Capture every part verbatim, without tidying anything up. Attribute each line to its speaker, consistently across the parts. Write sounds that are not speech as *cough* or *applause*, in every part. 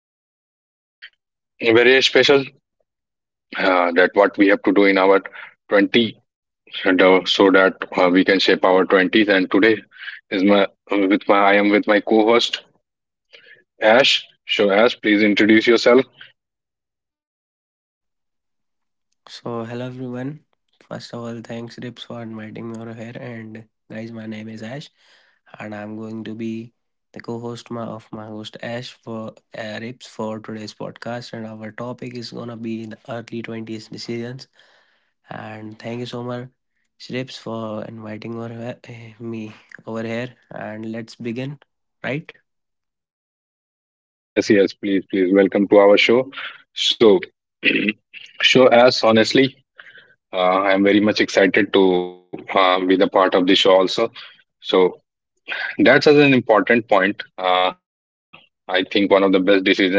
Speaker 1: Talk about something very special, uh, that what we have to do in our twenties, and, uh, so that uh, we can shape our twenties. And today is my with my I am with my co-host Ash. So, Ash, please introduce yourself.
Speaker 2: So, hello everyone. First of all, thanks Rips for inviting me over here. And guys, my name is Ash, and I'm going to be the co-host my, of my host Ash for uh, Rips for today's podcast. And our topic is gonna be the early twenties decisions. And thank you so much, Rips, for inviting over here, eh, me over here. And let's begin, right?
Speaker 1: Yes, yes, please, please, welcome to our show. So, *clears throat* so Ash, honestly, uh, I am very much excited to uh, be the part of the show also. So, that's as an important point. Uh, I think one of the best decision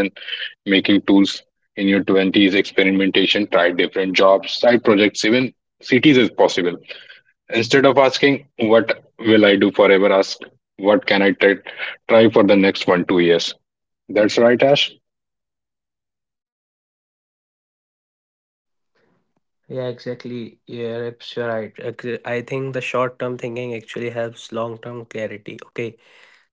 Speaker 1: making tools in your twenties experimentation. Try different jobs, side projects, even cities if possible. Instead of asking, what will I do forever? Ask, what can I try, try for the next one, two years? That's right, Ash.
Speaker 2: Yeah, exactly. Yeah, Rips, you're right. Ac- I think the short term thinking actually helps long term clarity. Okay.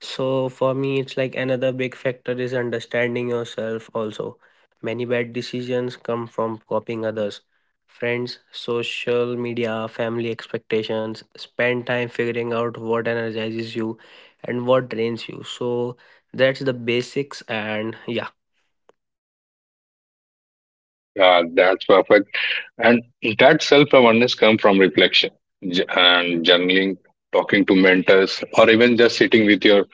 Speaker 2: So for me, it's like another big factor is understanding yourself also. Many bad decisions come from copying others. Friends, social media, family expectations, spend time figuring out what energizes you and what drains you. So that's the basics, and yeah.
Speaker 1: Uh, that's perfect. And that self awareness comes from reflection j- and journaling, talking to mentors, or even just sitting with your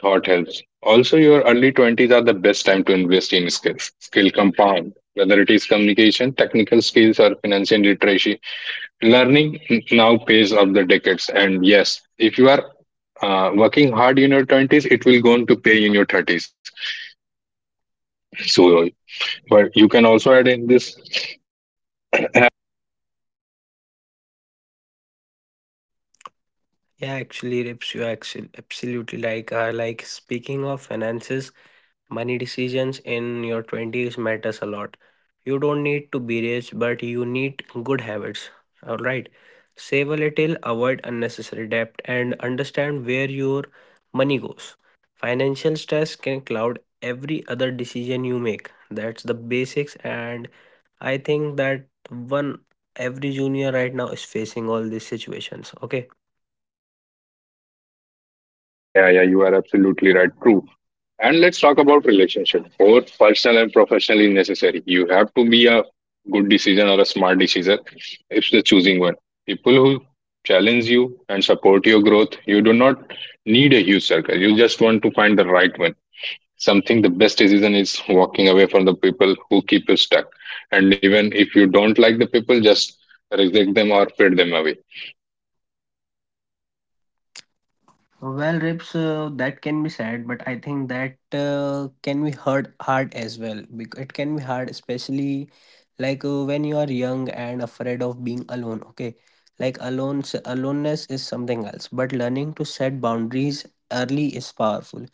Speaker 1: thought helps. Also, your early twenties are the best time to invest in skills, skill compound, whether it is communication, technical skills, or financial literacy. Learning now pays off the decades. And yes, if you are uh, working hard in your twenties, it will go on to pay in your thirties. So, but you can also add in this. uh,
Speaker 2: Yeah, actually, Rips, you actually absolutely like uh, like, speaking of finances, money decisions in your twenties matters a lot. You don't need to be rich, but you need good habits. All right. Save a little, avoid unnecessary debt, and understand where your money goes. Financial stress can cloud every other decision you make. That's the basics, and I think that one every junior right now is facing all these situations. Okay.
Speaker 1: Yeah, yeah, you are absolutely right. True. And let's talk about relationship, both personal and professionally necessary. You have to be a good decision or a smart decision if the choosing one. People who challenge you and support your growth, you do not need a huge circle. You just want to find the right one. Something the best decision is walking away from the people who keep you stuck. And even if you don't like the people, just reject them or fade them away.
Speaker 2: Well, Rips, uh, that can be sad, but I think that uh, can be hard, hard as well. Because it can be hard, especially like uh, when you are young and afraid of being alone. Okay, like alone, aloneness is something else. But learning to set boundaries early is powerful,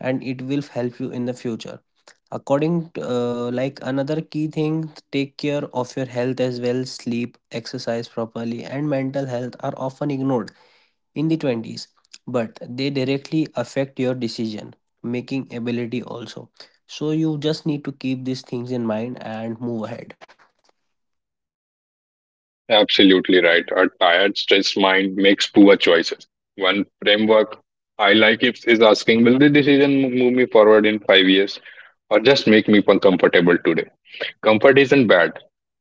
Speaker 2: and it will help you in the future. According to uh, like, another key thing, take care of your health as well. Sleep, exercise properly, and mental health are often ignored in the twenties, but they directly affect your decision making ability also. So you just need to keep these things in mind and move ahead.
Speaker 1: Absolutely right. A tired, stressed mind makes poor choices. One framework I like if is asking, will the decision mo- move me forward in five years or just make me uncomfortable today? Comfort isn't bad,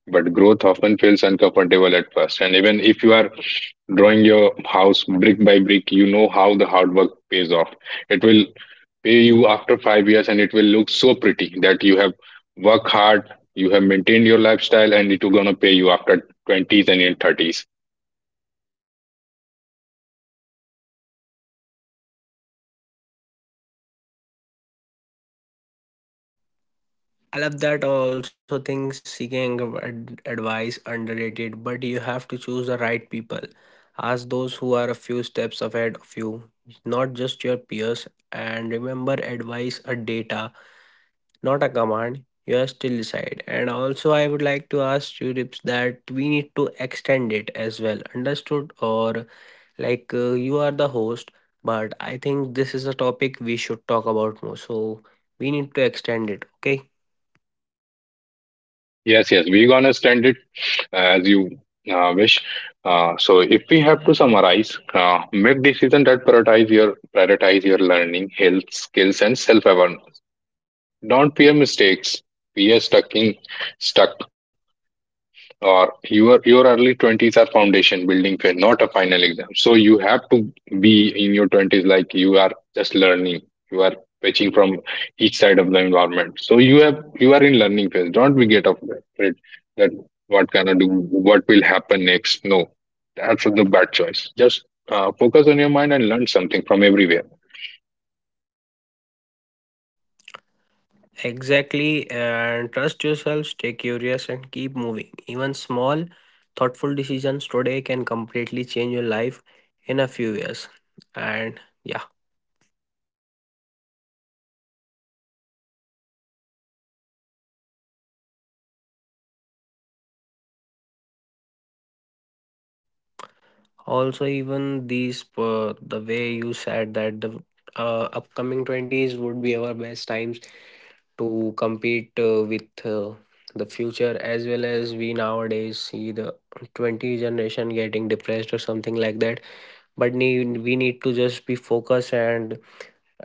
Speaker 1: but growth often feels uncomfortable at first. And even if you are drawing your house brick by brick, you know how the hard work pays off. It will pay you after five years and it will look so pretty that you have worked hard, you have maintained your lifestyle, and it will gonna pay you after twenties and in thirties.
Speaker 2: I love that. I also think seeking ad- advice underrated, but you have to choose the right people. Ask those who are a few steps ahead of you, not just your peers. And remember, advice or data, not a command. You are still decide. And also, I would like to ask you, Rips, that we need to extend it as well. Understood? Or like uh, you are the host, but I think this is a topic we should talk about more. So we need to extend it. Okay.
Speaker 1: Yes, yes, we're gonna stand it uh, as you uh, wish. Uh, so if we have to summarize, uh, make decision that prioritize your prioritize your learning, health, skills, and self awareness. Don't fear mistakes. We are stuck in stuck or your your early twenties are foundation building phase, not a final exam, so you have to be in your twenties like you are just learning, you are fetching from each side of the environment, so you have you are in learning phase, don't be get afraid that what can I do, what will happen next? No, that's the bad choice. Just uh, focus on your mind and learn something from everywhere.
Speaker 2: Exactly. And trust yourself, stay curious, and keep moving. Even small, thoughtful decisions today can completely change your life in a few years. And yeah, also even these uh, the way you said that the uh, upcoming twenties would be our best times to compete uh, with uh, the future, as well as we nowadays see the twenty generation getting depressed or something like that, but need, we need to just be focused, and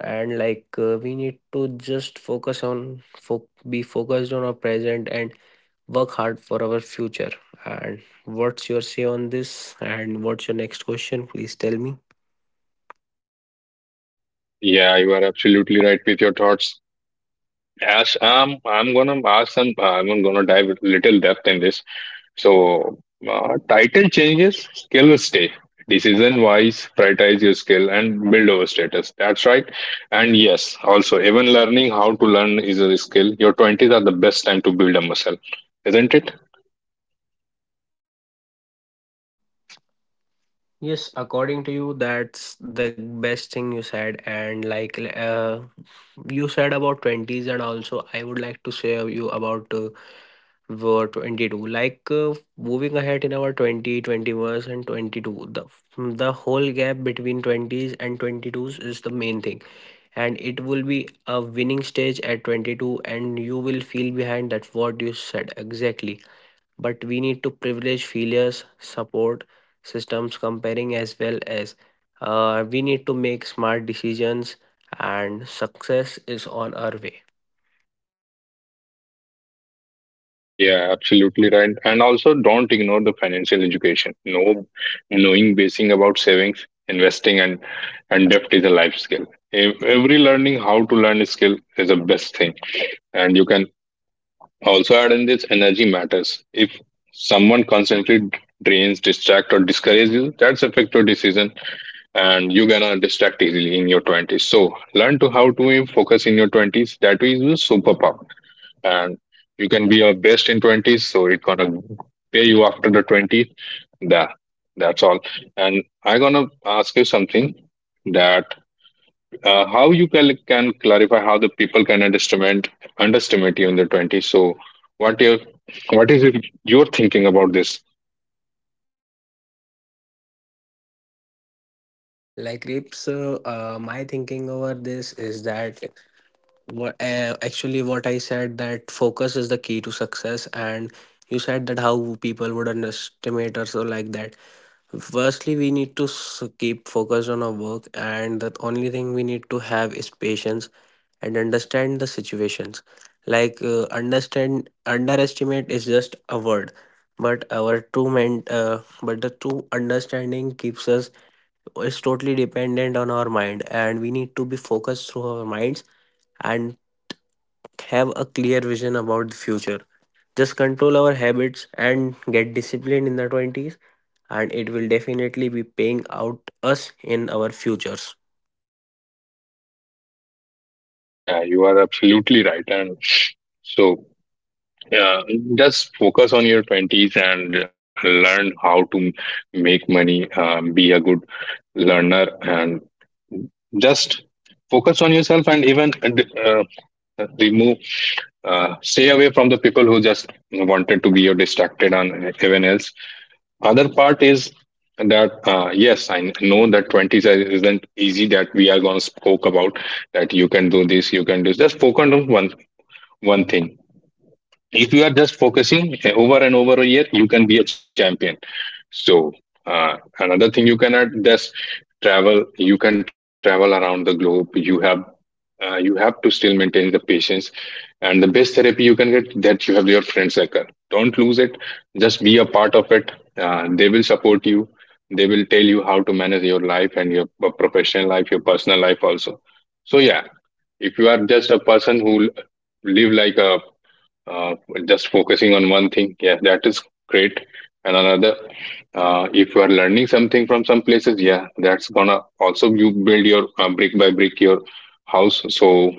Speaker 2: and like uh, we need to just focus on fo- be focused on our present and work hard for our future. And what's your say on this? And what's your next question? Please tell me.
Speaker 1: Yeah, you are absolutely right with your thoughts, Ash. um, I'm gonna ask some. I'm gonna dive a little depth in this. So uh, title changes, skills stay. Decision wise, prioritize your skill and build over status. That's right. And yes, also even learning how to learn is a skill. Your twenties are the best time to build a muscle, isn't it?
Speaker 2: Yes, according to you, that's the best thing you said. And like uh, you said about twenties, and also I would like to say you about uh, were twenty-two. Like uh, moving ahead in our twenty, twenty-one, and twenty-two, the, the whole gap between twenties and twenty-twos is the main thing. And it will be a winning stage at twenty-two, and you will feel behind. That's what you said exactly, but we need to privilege failures, support systems, comparing, as well as uh, we need to make smart decisions, and success is on our way.
Speaker 1: Yeah, absolutely right. And also don't ignore the financial education. No, knowing basic about savings, investing and and debt is a life skill. Ev- Every learning how to learn a skill is the best thing. And you can also add in this, energy matters. If someone constantly drains, distract, or discourages you, that's affect your decision, and you're gonna distract easily in your twenties. So learn to how to focus in your twenties. That way, is your superpower, and you can be your best in twenties. So it gonna pay you after the twenties. That that's all. And I gonna ask you something that uh, how you can, can clarify how the people can underestimate underestimate you in the twenties, so what your, what is it you're thinking about this?
Speaker 2: Like Rips, uh, uh, my thinking over this is that what uh, actually what I said, that focus is the key to success, and you said that how people would underestimate or so like that. Firstly, we need to s- keep focused on our work, and the only thing we need to have is patience and understand the situations. Like uh, understand, underestimate is just a word, but our true meant, uh, but the true understanding keeps us is totally dependent on our mind, and we need to be focused through our minds and have a clear vision about the future. Just control our habits and get disciplined in the twenties, and it will definitely be paying out us in our futures.
Speaker 1: Yeah, you are absolutely right. And so yeah, just focus on your twenties and learn how to make money, um, be a good learner and just focus on yourself, and even uh, remove, uh, stay away from the people who just wanted to be your distracted on everyone else. Other part is that uh, yes, I know that twenty size isn't easy, that we are going to spoke about, that you can do this, you can do this. Just focus on one one thing. If you are just focusing uh, over and over a year, you can be a champion. So uh, another thing you can add, just travel, you can travel around the globe. You have uh, you have to still maintain the patience, and the best therapy you can get, that you have your friend circle, don't lose it, just be a part of it. Uh, they will support you, they will tell you how to manage your life and your p- professional life, your personal life also. So yeah, if you are just a person who l- live like a uh, just focusing on one thing, yeah, that is great. And another, uh, if you are learning something from some places, yeah, that's gonna also you build your uh, brick by brick your house. So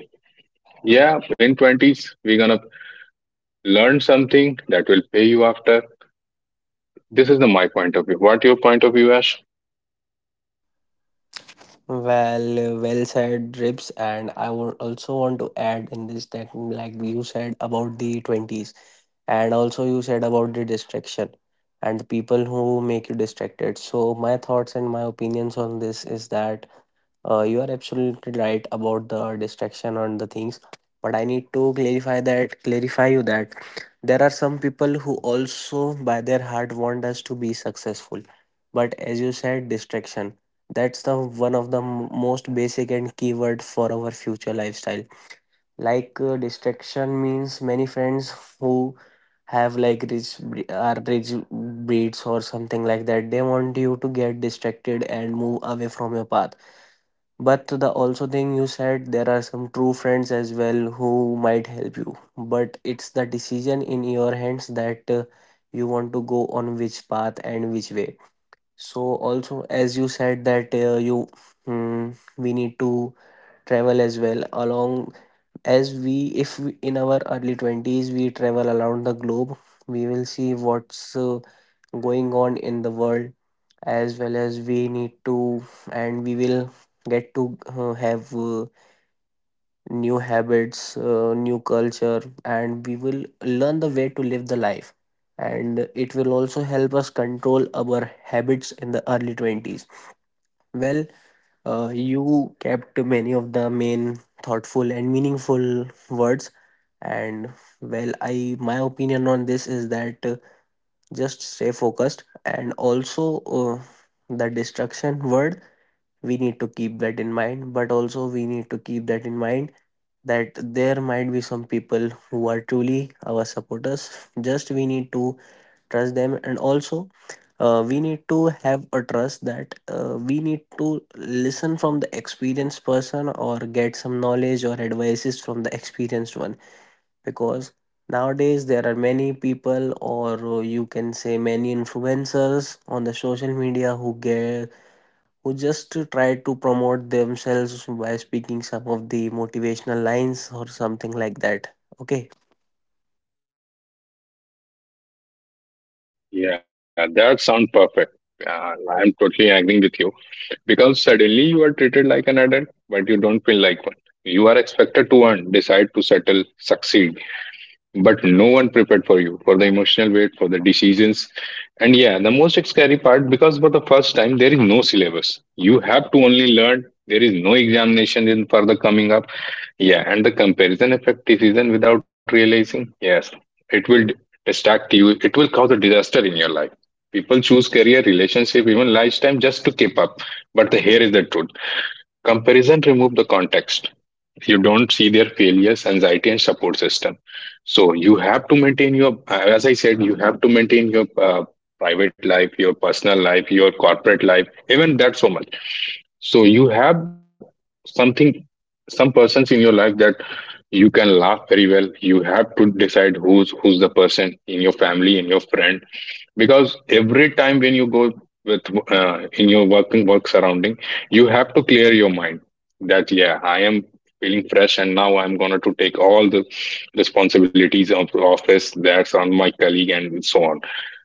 Speaker 1: yeah, in twenties we're gonna learn something that will pay you after. This is the my point of view. What your point of view, Ash?
Speaker 2: Well, well said, Drips. And I would also want to add in this that, like you said about the twenties, and also you said about the distraction and the people who make you distracted. So, my thoughts and my opinions on this is that, uh, you are absolutely right about the distraction on the things, but I need to clarify that clarify you that there are some people who also by their heart want us to be successful. But as you said, distraction, that's the one of the m- most basic and keyword for our future lifestyle. Like uh, distraction means many friends who have like rich bre- are rich breeds or something like that. They want you to get distracted and move away from your path, but the also thing you said, there are some true friends as well who might help you. But it's the decision in your hands that uh, you want to go on which path and which way. So also as you said that uh, you mm, we need to travel as well, along as we, if we, in our early twenties, we travel around the globe, we will see what's uh, going on in the world, as well as we need to, and we will get to uh, have uh, new habits, uh, new culture, and we will learn the way to live the life, and it will also help us control our habits in the early twenties. Well, uh, you kept many of the main thoughtful and meaningful words, and well, I my opinion on this is that uh, just stay focused, and also uh, the distraction word, we need to keep that in mind, but also we need to keep that in mind that there might be some people who are truly our supporters. Just we need to trust them, and also uh, we need to have a trust that uh, we need to listen from the experienced person, or get some knowledge or advices from the experienced one, because nowadays there are many people, or uh, you can say many influencers on the social media who get who just try to promote themselves by speaking some of the motivational lines or something like that. Okay.
Speaker 1: Yeah, that sounds perfect. uh, I'm totally agreeing with you, because suddenly you are treated like an adult, but you don't feel like one. You are expected to earn, decide, to settle, succeed, but no one prepared for you for the emotional weight for the decisions. And yeah, the most scary part, because for the first time there is no syllabus you have to only learn, there is no examination in for the coming up. Yeah, and the comparison effect decision without realizing, yes, it will d- distract you, it will cause a disaster in your life. People choose career, relationship, even lifetime just to keep up. But the here is the truth, comparison remove the context. You don't see their failures, anxiety and support system. So you have to maintain your, as I said, you have to maintain your uh, private life, your personal life, your corporate life, even that so much. So you have something, some persons in your life that you can laugh very well. You have to decide who's who's the person in your family, in your friend, because every time when you go with uh, in your working work surrounding, you have to clear your mind that yeah, I am feeling fresh and now I'm going to take all the responsibilities of the office that's on my colleague and so on.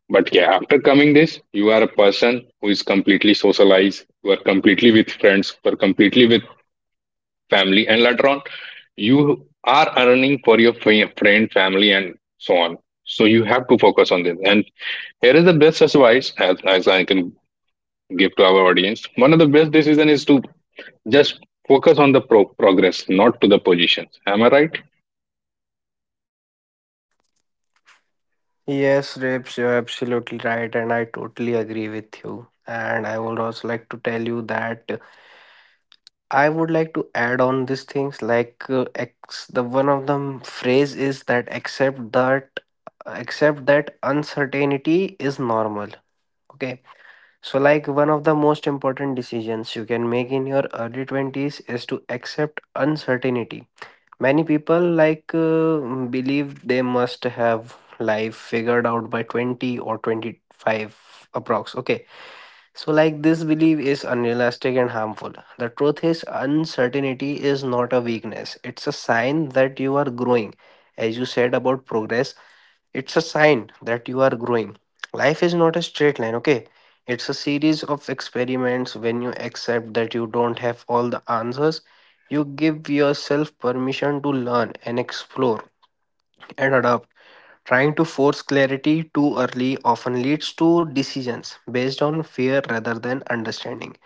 Speaker 1: But yeah, after coming this, you are a person who is completely socialized, you are completely with friends, you are completely with family, and later on, you are earning for your fa- friend, family, and so on. So you have to focus on this. And here is the best advice as, as I can give to our audience. One of the best decision is to just focus on the pro- progress, not to the positions. Am I right?
Speaker 2: Yes, Rips, you're absolutely right, and I totally agree with you. And I would also like to tell you that I would like to add on these things. Like uh, ex the one of them phrase is that, accept that accept that uncertainty is normal. Okay. So, like, one of the most important decisions you can make in your early twenties is to accept uncertainty. Many people, like, uh, believe they must have life figured out by twenty or twenty-five approx. Okay. So, like, this belief is unrealistic and harmful. The truth is, uncertainty is not a weakness, it's a sign that you are growing. As you said about progress, it's a sign that you are growing. Life is not a straight line, okay? It's a series of experiments. When you accept that you don't have all the answers, you give yourself permission to learn and explore and adapt. Trying to force clarity too early often leads to decisions based on fear rather than understanding.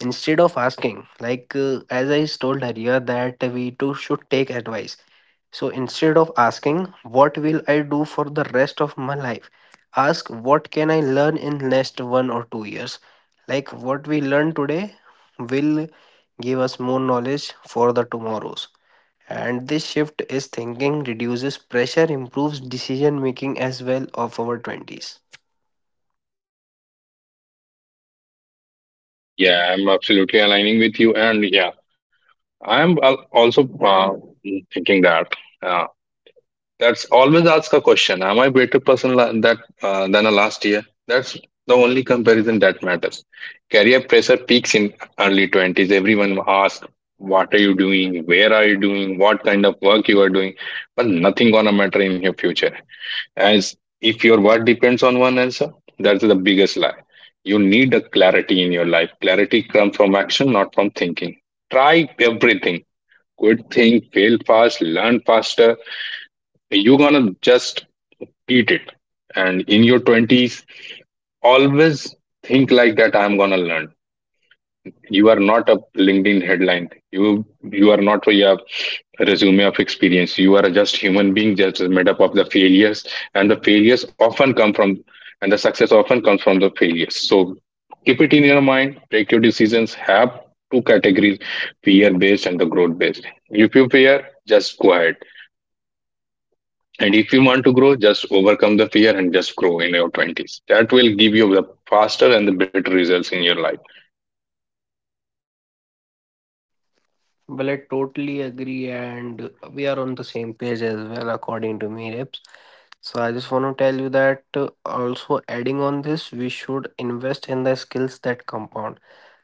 Speaker 2: Instead of asking, like uh, as I told earlier, that we too should take advice. So, instead of asking, what will I do for the rest of my life? Ask, what can I learn in next one or two years? Like what we learn today will give us more knowledge for the tomorrows. And this shift is thinking reduces pressure, improves decision making as well of our twenties.
Speaker 1: Yeah, I'm absolutely aligning with you. And yeah, I'm al- also uh, thinking that. Uh, That's always ask a question. Am I better person la- that uh, than a last year? That's the only comparison that matters. Career pressure peaks in early twenties. Everyone asks, what are you doing? Where are you doing? What kind of work you are doing? But nothing gonna matter in your future. As if your work depends on one answer, that's the biggest lie. You need a clarity in your life. Clarity comes from action, not from thinking. Try everything. Quit, think, fail fast, learn faster, you're gonna just eat it. And in your twenties, always think like that, I'm going to learn. You are not a LinkedIn headline. You you are not a resume of experience. You are just human being, just made up of the failures, and the failures often come from, and the success often comes from the failures. So keep it in your mind. Take your decisions. Have two categories: fear based and the growth based. If you fear, just go ahead. And if you want to grow, just overcome the fear and just grow in your twenties. That will give you the faster and the better results in your life.
Speaker 2: Well, I totally agree, and we are on the same page as well, according to me, Rips. So I just want to tell you that, uh, also adding on this, we should invest in the skills that compound.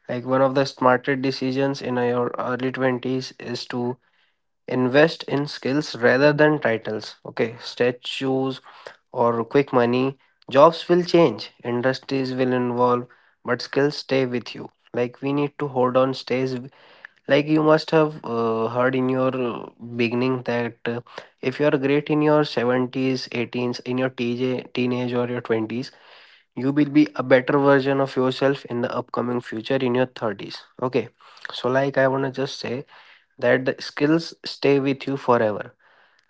Speaker 2: Like one of the smarter decisions in your early twenties is to invest in skills rather than titles. Okay, statues or quick money. Jobs will change, industries will involve, but skills stay with you. Like we need to hold on stays, like you must have uh, heard in your uh, beginning that uh, if you are great in your seventies, eighteens, in your T J, teenage or your twenties, you will be a better version of yourself in the upcoming future in your thirties. Okay. So, like, I want to just say that the skills stay with you forever,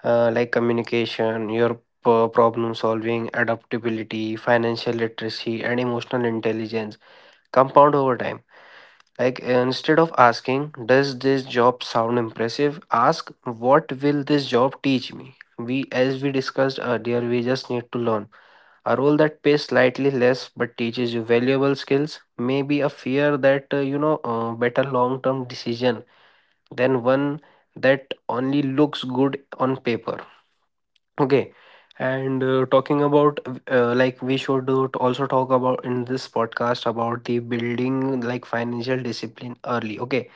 Speaker 2: uh, like communication, your p- problem solving, adaptability, financial literacy, and emotional intelligence compound over time. Like uh, instead of asking, does this job sound impressive? Ask, what will this job teach me? We, as we discussed earlier, we just need to learn. A role that pays slightly less but teaches you valuable skills may be a fear that, uh, you know, uh, better long term decision than one that only looks good on paper. Okay. And uh, talking about, uh, like, we should uh, also talk about in this podcast about the building like financial discipline early. Okay,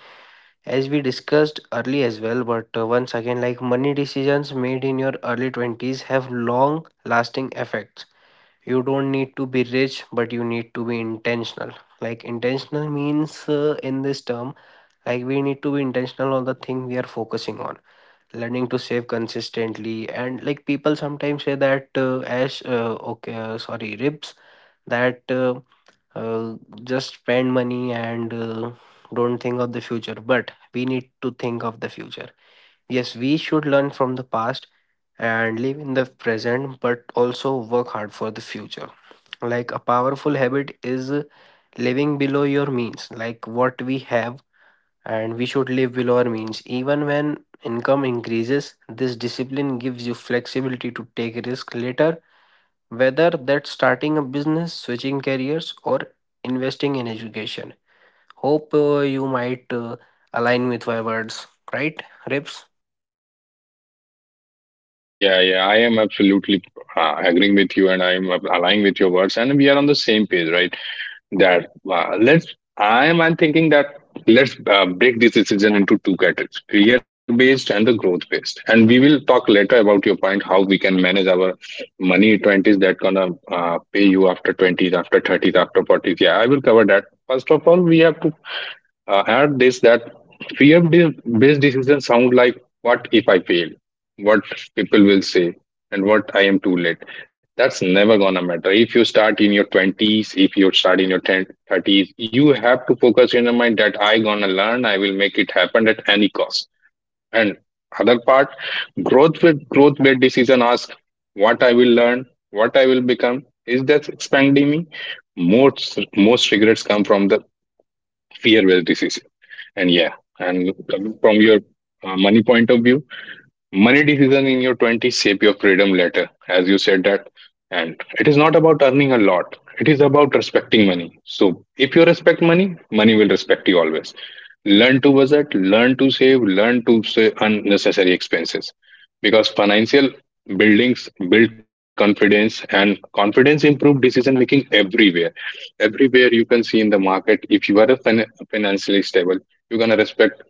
Speaker 2: as we discussed early as well, but uh, once again, like money decisions made in your early twenties have long lasting effects. You don't need to be rich, but you need to be intentional. Like, intentional means uh, in this term, like, we need to be intentional on the thing we are focusing on, learning to save consistently. And like, people sometimes say that, uh, as uh, okay, uh, sorry, ribs, that. Uh, uh, just spend money and uh, don't think of the future. But we need to think of the future. Yes, we should learn from the past and live in the present, but also work hard for the future. Like, a powerful habit is uh, living below your means, like what we have, and we should live below our means. Even when income increases, this discipline gives you flexibility to take risk later, whether that's starting a business, switching careers, or investing in education. Hope uh, you might uh, align with my words, right, Rips?
Speaker 1: Yeah, yeah, I am absolutely uh, agreeing with you and I am aligning with your words. And we are on the same page, right? That uh, let's, I am I'm thinking that let's uh, break this decision into two categories, fear based and the growth based. And we will talk later about your point how we can manage our money in twenties that gonna uh, pay you after twenties, after thirties, after forties. Yeah, I will cover that. First of all, we have to uh, had this that fear de- based decisions sound like, what if I fail? What people will say? And what I am too late. That's never gonna matter. If you start in your twenties, if you start in your ten, thirties, you have to focus in your mind that I gonna learn, I will make it happen at any cost. And other part, growth with growth based decision ask what I will learn, what I will become. Is that expanding me? Most most regrets come from the fear based decision. And yeah, and coming from your uh, money point of view, money decision in your twenties shape your freedom later, as you said that. And it is not about earning a lot, it is about respecting money. So, if you respect money, money will respect you always. Learn to budget, learn to save, learn to save unnecessary expenses. Because financial buildings build confidence, and confidence improve decision making everywhere. Everywhere you can see in the market, if you are a fin- financially stable, you're going respect,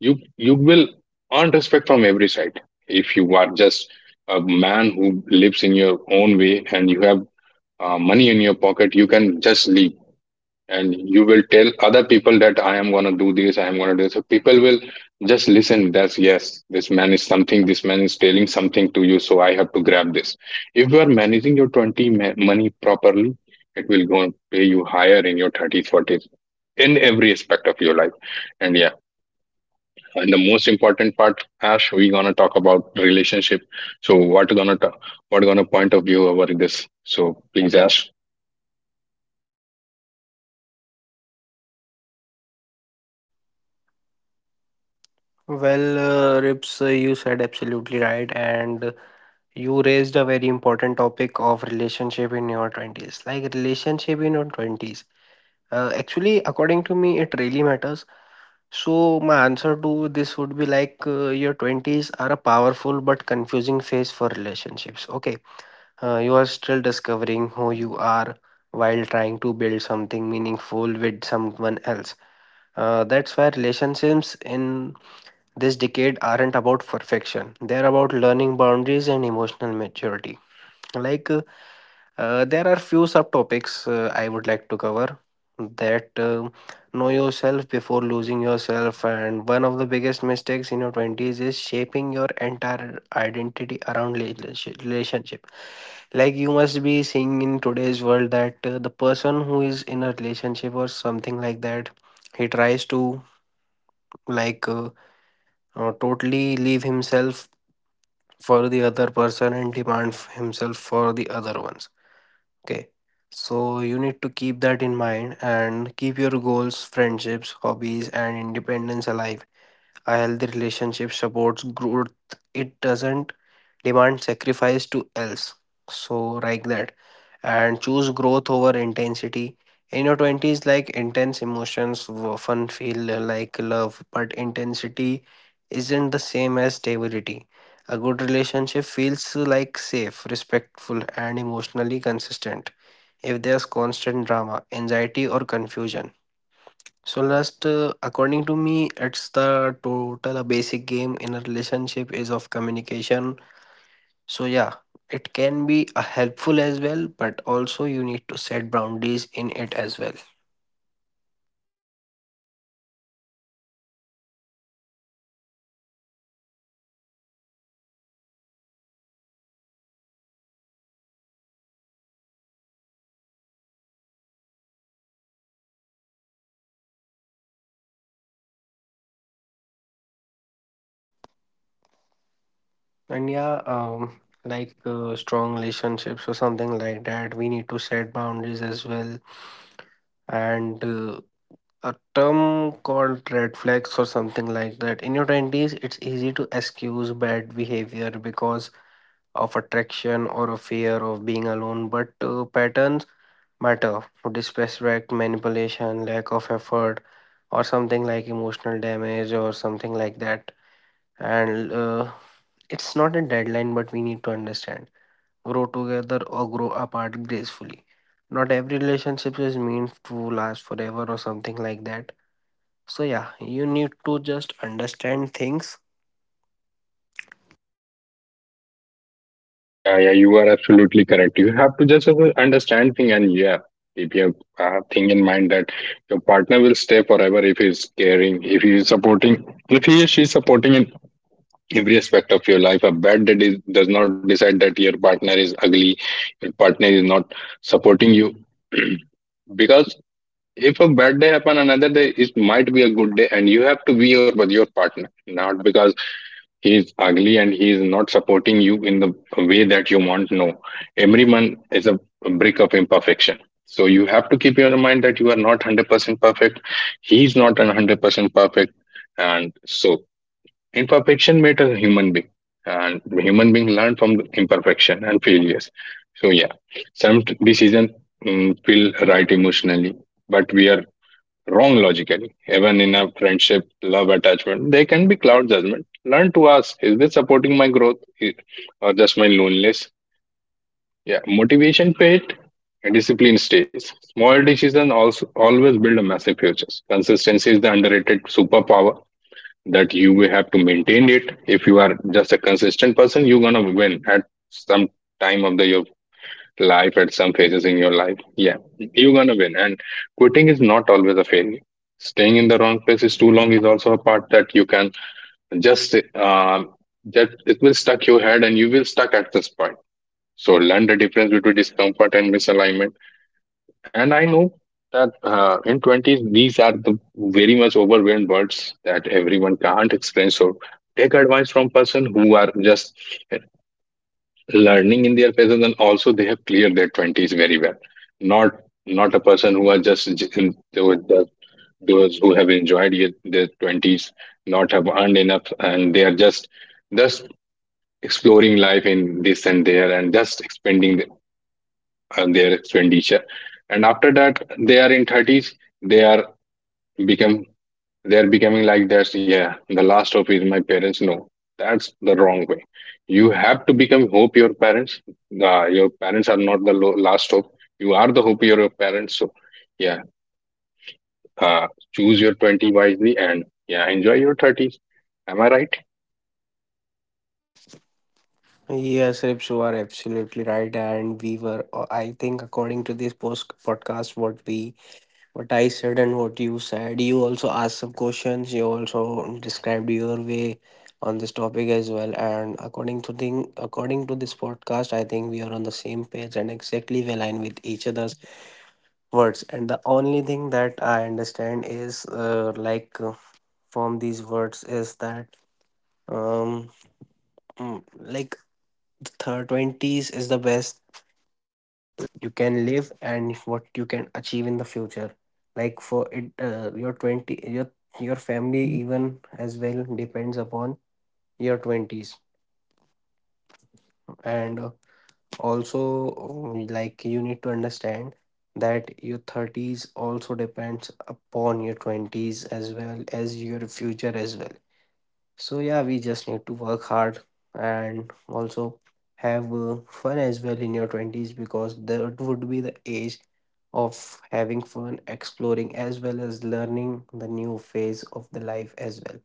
Speaker 1: you you will earn respect from every side. If you are just a man who lives in your own way and you have uh, money in your pocket, you can just leave, and you will tell other people that I am going to do this, I am going to do this, so people will just listen that's yes, this man is something, this man is telling something to you, so I have to grab this. If you are managing your twenty ma- money properly, it will go and pay you higher in your thirties, forties, in every aspect of your life. And yeah, and the most important part, Ash, we're going to talk about relationship. So what going to, what going to point of view over this? So please, Ash.
Speaker 2: Well, uh, Rips, uh, you said absolutely right, and uh, you raised a very important topic of relationship in your twenties. Like, relationship in your twenties. Uh, actually, according to me, it really matters. So, my answer to this would be like, uh, your twenties are a powerful but confusing phase for relationships. Okay, uh, you are still discovering who you are while trying to build something meaningful with someone else. Uh, that's why relationships in this decade aren't about perfection, they're about learning boundaries and emotional maturity. Like, uh, uh, there are few subtopics uh, I would like to cover, that uh, know yourself before losing yourself. And one of the biggest mistakes in your twenties is shaping your entire identity around relationship. relationship. Like, you must be seeing in today's world that uh, the person who is in a relationship or something like that, he tries to like uh, uh, totally leave himself for the other person and demand f- himself for the other ones. Okay. So you need to keep that in mind and keep your goals, friendships, hobbies, and independence alive. A healthy relationship supports growth. It doesn't demand sacrifice to else. So, like that. And choose growth over intensity. In your twenties, like, intense emotions w- often feel like love, but intensity isn't the same as stability. A good relationship feels like safe, respectful, and emotionally consistent if there's constant drama, anxiety, or confusion. So, last, uh, according to me, it's the total basic game in a relationship is of communication. So, yeah, it can be a helpful as well, but also you need to set boundaries in it as well. And yeah, um, like uh, strong relationships or something like that, we need to set boundaries as well and uh, a term called red flags or something like that. In your twenties, it's easy to excuse bad behavior because of attraction or a fear of being alone, but uh, patterns matter. Disrespect, manipulation, lack of effort, or something like emotional damage or something like that. And uh, it's not a deadline, but we need to understand. Grow together or grow apart gracefully. Not every relationship is meant to last forever or something like that, so yeah, you need to just understand things.
Speaker 1: Yeah, yeah, you are absolutely correct. You have to just have understand thing. And yeah, if you have a thing in mind that your partner will stay forever, if he's caring, if he is supporting, if he or she is supporting in every aspect of your life. A bad that is, does not decide that your partner is ugly, your partner is not supporting you. *clears throat* Because if a bad day happen another day, it might be a good day, and you have to be your with your partner, not because he is ugly and he is not supporting you in the way that you want. No, everyone is a brick of imperfection. So you have to keep your mind that you are not one hundred percent perfect, he is not one hundred percent perfect. And so imperfection made a human being, and human being learn from the imperfection and failures. So yeah, some decisions feel right emotionally, but we are wrong logically. Even in a friendship, love, attachment, they can be cloud judgment. Learn to ask, is this supporting my growth i- or just my loneliness? Yeah, motivation paid, discipline stays. Small decisions also always build a massive futures. Consistency is the underrated superpower that you will have to maintain it. If you are just a consistent person, you're gonna win at some time of the year, life at some phases in your life, yeah, you're gonna win. And quitting is not always a failure. Staying in the wrong place is too long is also a part that you can just uh, that it will stuck your head and you will stuck at this point. So learn the difference between discomfort and misalignment. And I know that uh, in twenties these are the very much overwhelmed words that everyone can't explain. So take advice from person who are just learning in their presence and also they have cleared their twenties very well. Not not a person who are just j- in- those the- those who have enjoyed yet their twenties, not have earned enough, and they are just just exploring life in this and there and just expending the- uh, their expenditure. And after that they are in thirties, they are become, they're becoming like this. Yeah, the last hope is my parents. No, that's the wrong way. You have to become hope your parents. Uh, your parents are not the lo- last hope, you are the hope of your parents. So yeah, uh, choose your twenty wisely and yeah, enjoy your thirties. Am I right?
Speaker 2: Yes, Rips, you are absolutely right. And we were, uh, I think, according to this post podcast, what we, what I said and what you said, you also asked some questions. You also described your way on this topic as well. And according to thing, according to this podcast, I think we are on the same page and exactly we align with each other's words. And the only thing that I understand is, uh, like, uh, from these words is that. Um, Mm, like, the twenties is the best life you can live and what you can achieve in the future, like, for it, uh, your twenty your your family even as well depends upon your twenties, and uh, also um, like, you need to understand that your thirties also depends upon your twenties as well as your future as well. So yeah, we just need to work hard and also have uh, fun as well in your twenties, because that would be the age of having fun, exploring as well as learning the new phase of the life as well.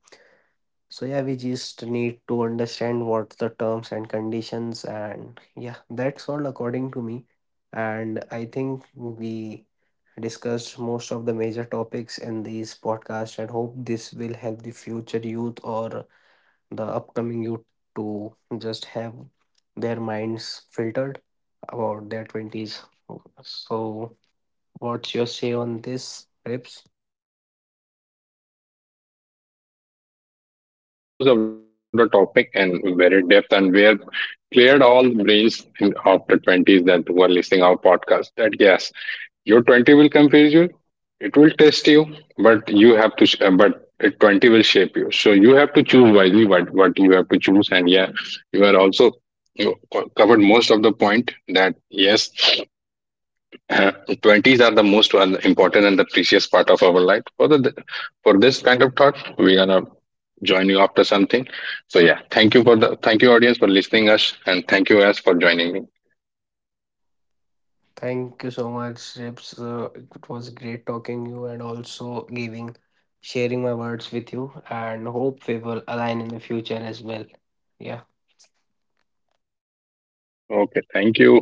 Speaker 2: So yeah, we just need to understand what's the terms and conditions, and yeah, that's all according to me. And I think we discussed most of the major topics in this podcast, and hope this will help the future youth or the upcoming youth to just have their minds filtered about their twenties. So, what's your say on this, Rips?
Speaker 1: Yeah, you are absolutely right. We have covered most of the topic and very depth, and we have cleared all the brains in- of the twenties that who are listening our podcast, that yes, your twenty will confuse you, it will test you, but you have to sh- uh, but it twenty will shape you. So you have to choose wisely what what you have to choose. And yeah, you are also, you co- covered most of the point that yes. *clears throat* twenties are the most one- important and the precious part of our life. For the, for this kind of thought we're gonna join you after something. So yeah, thank you for the thank you audience for listening us, and thank you us for joining me.
Speaker 2: Thank you so much, Rips. Uh, it was great talking you and also giving, sharing my words with you. And hope we will align in the future as well. Yeah.
Speaker 1: Okay, thank you.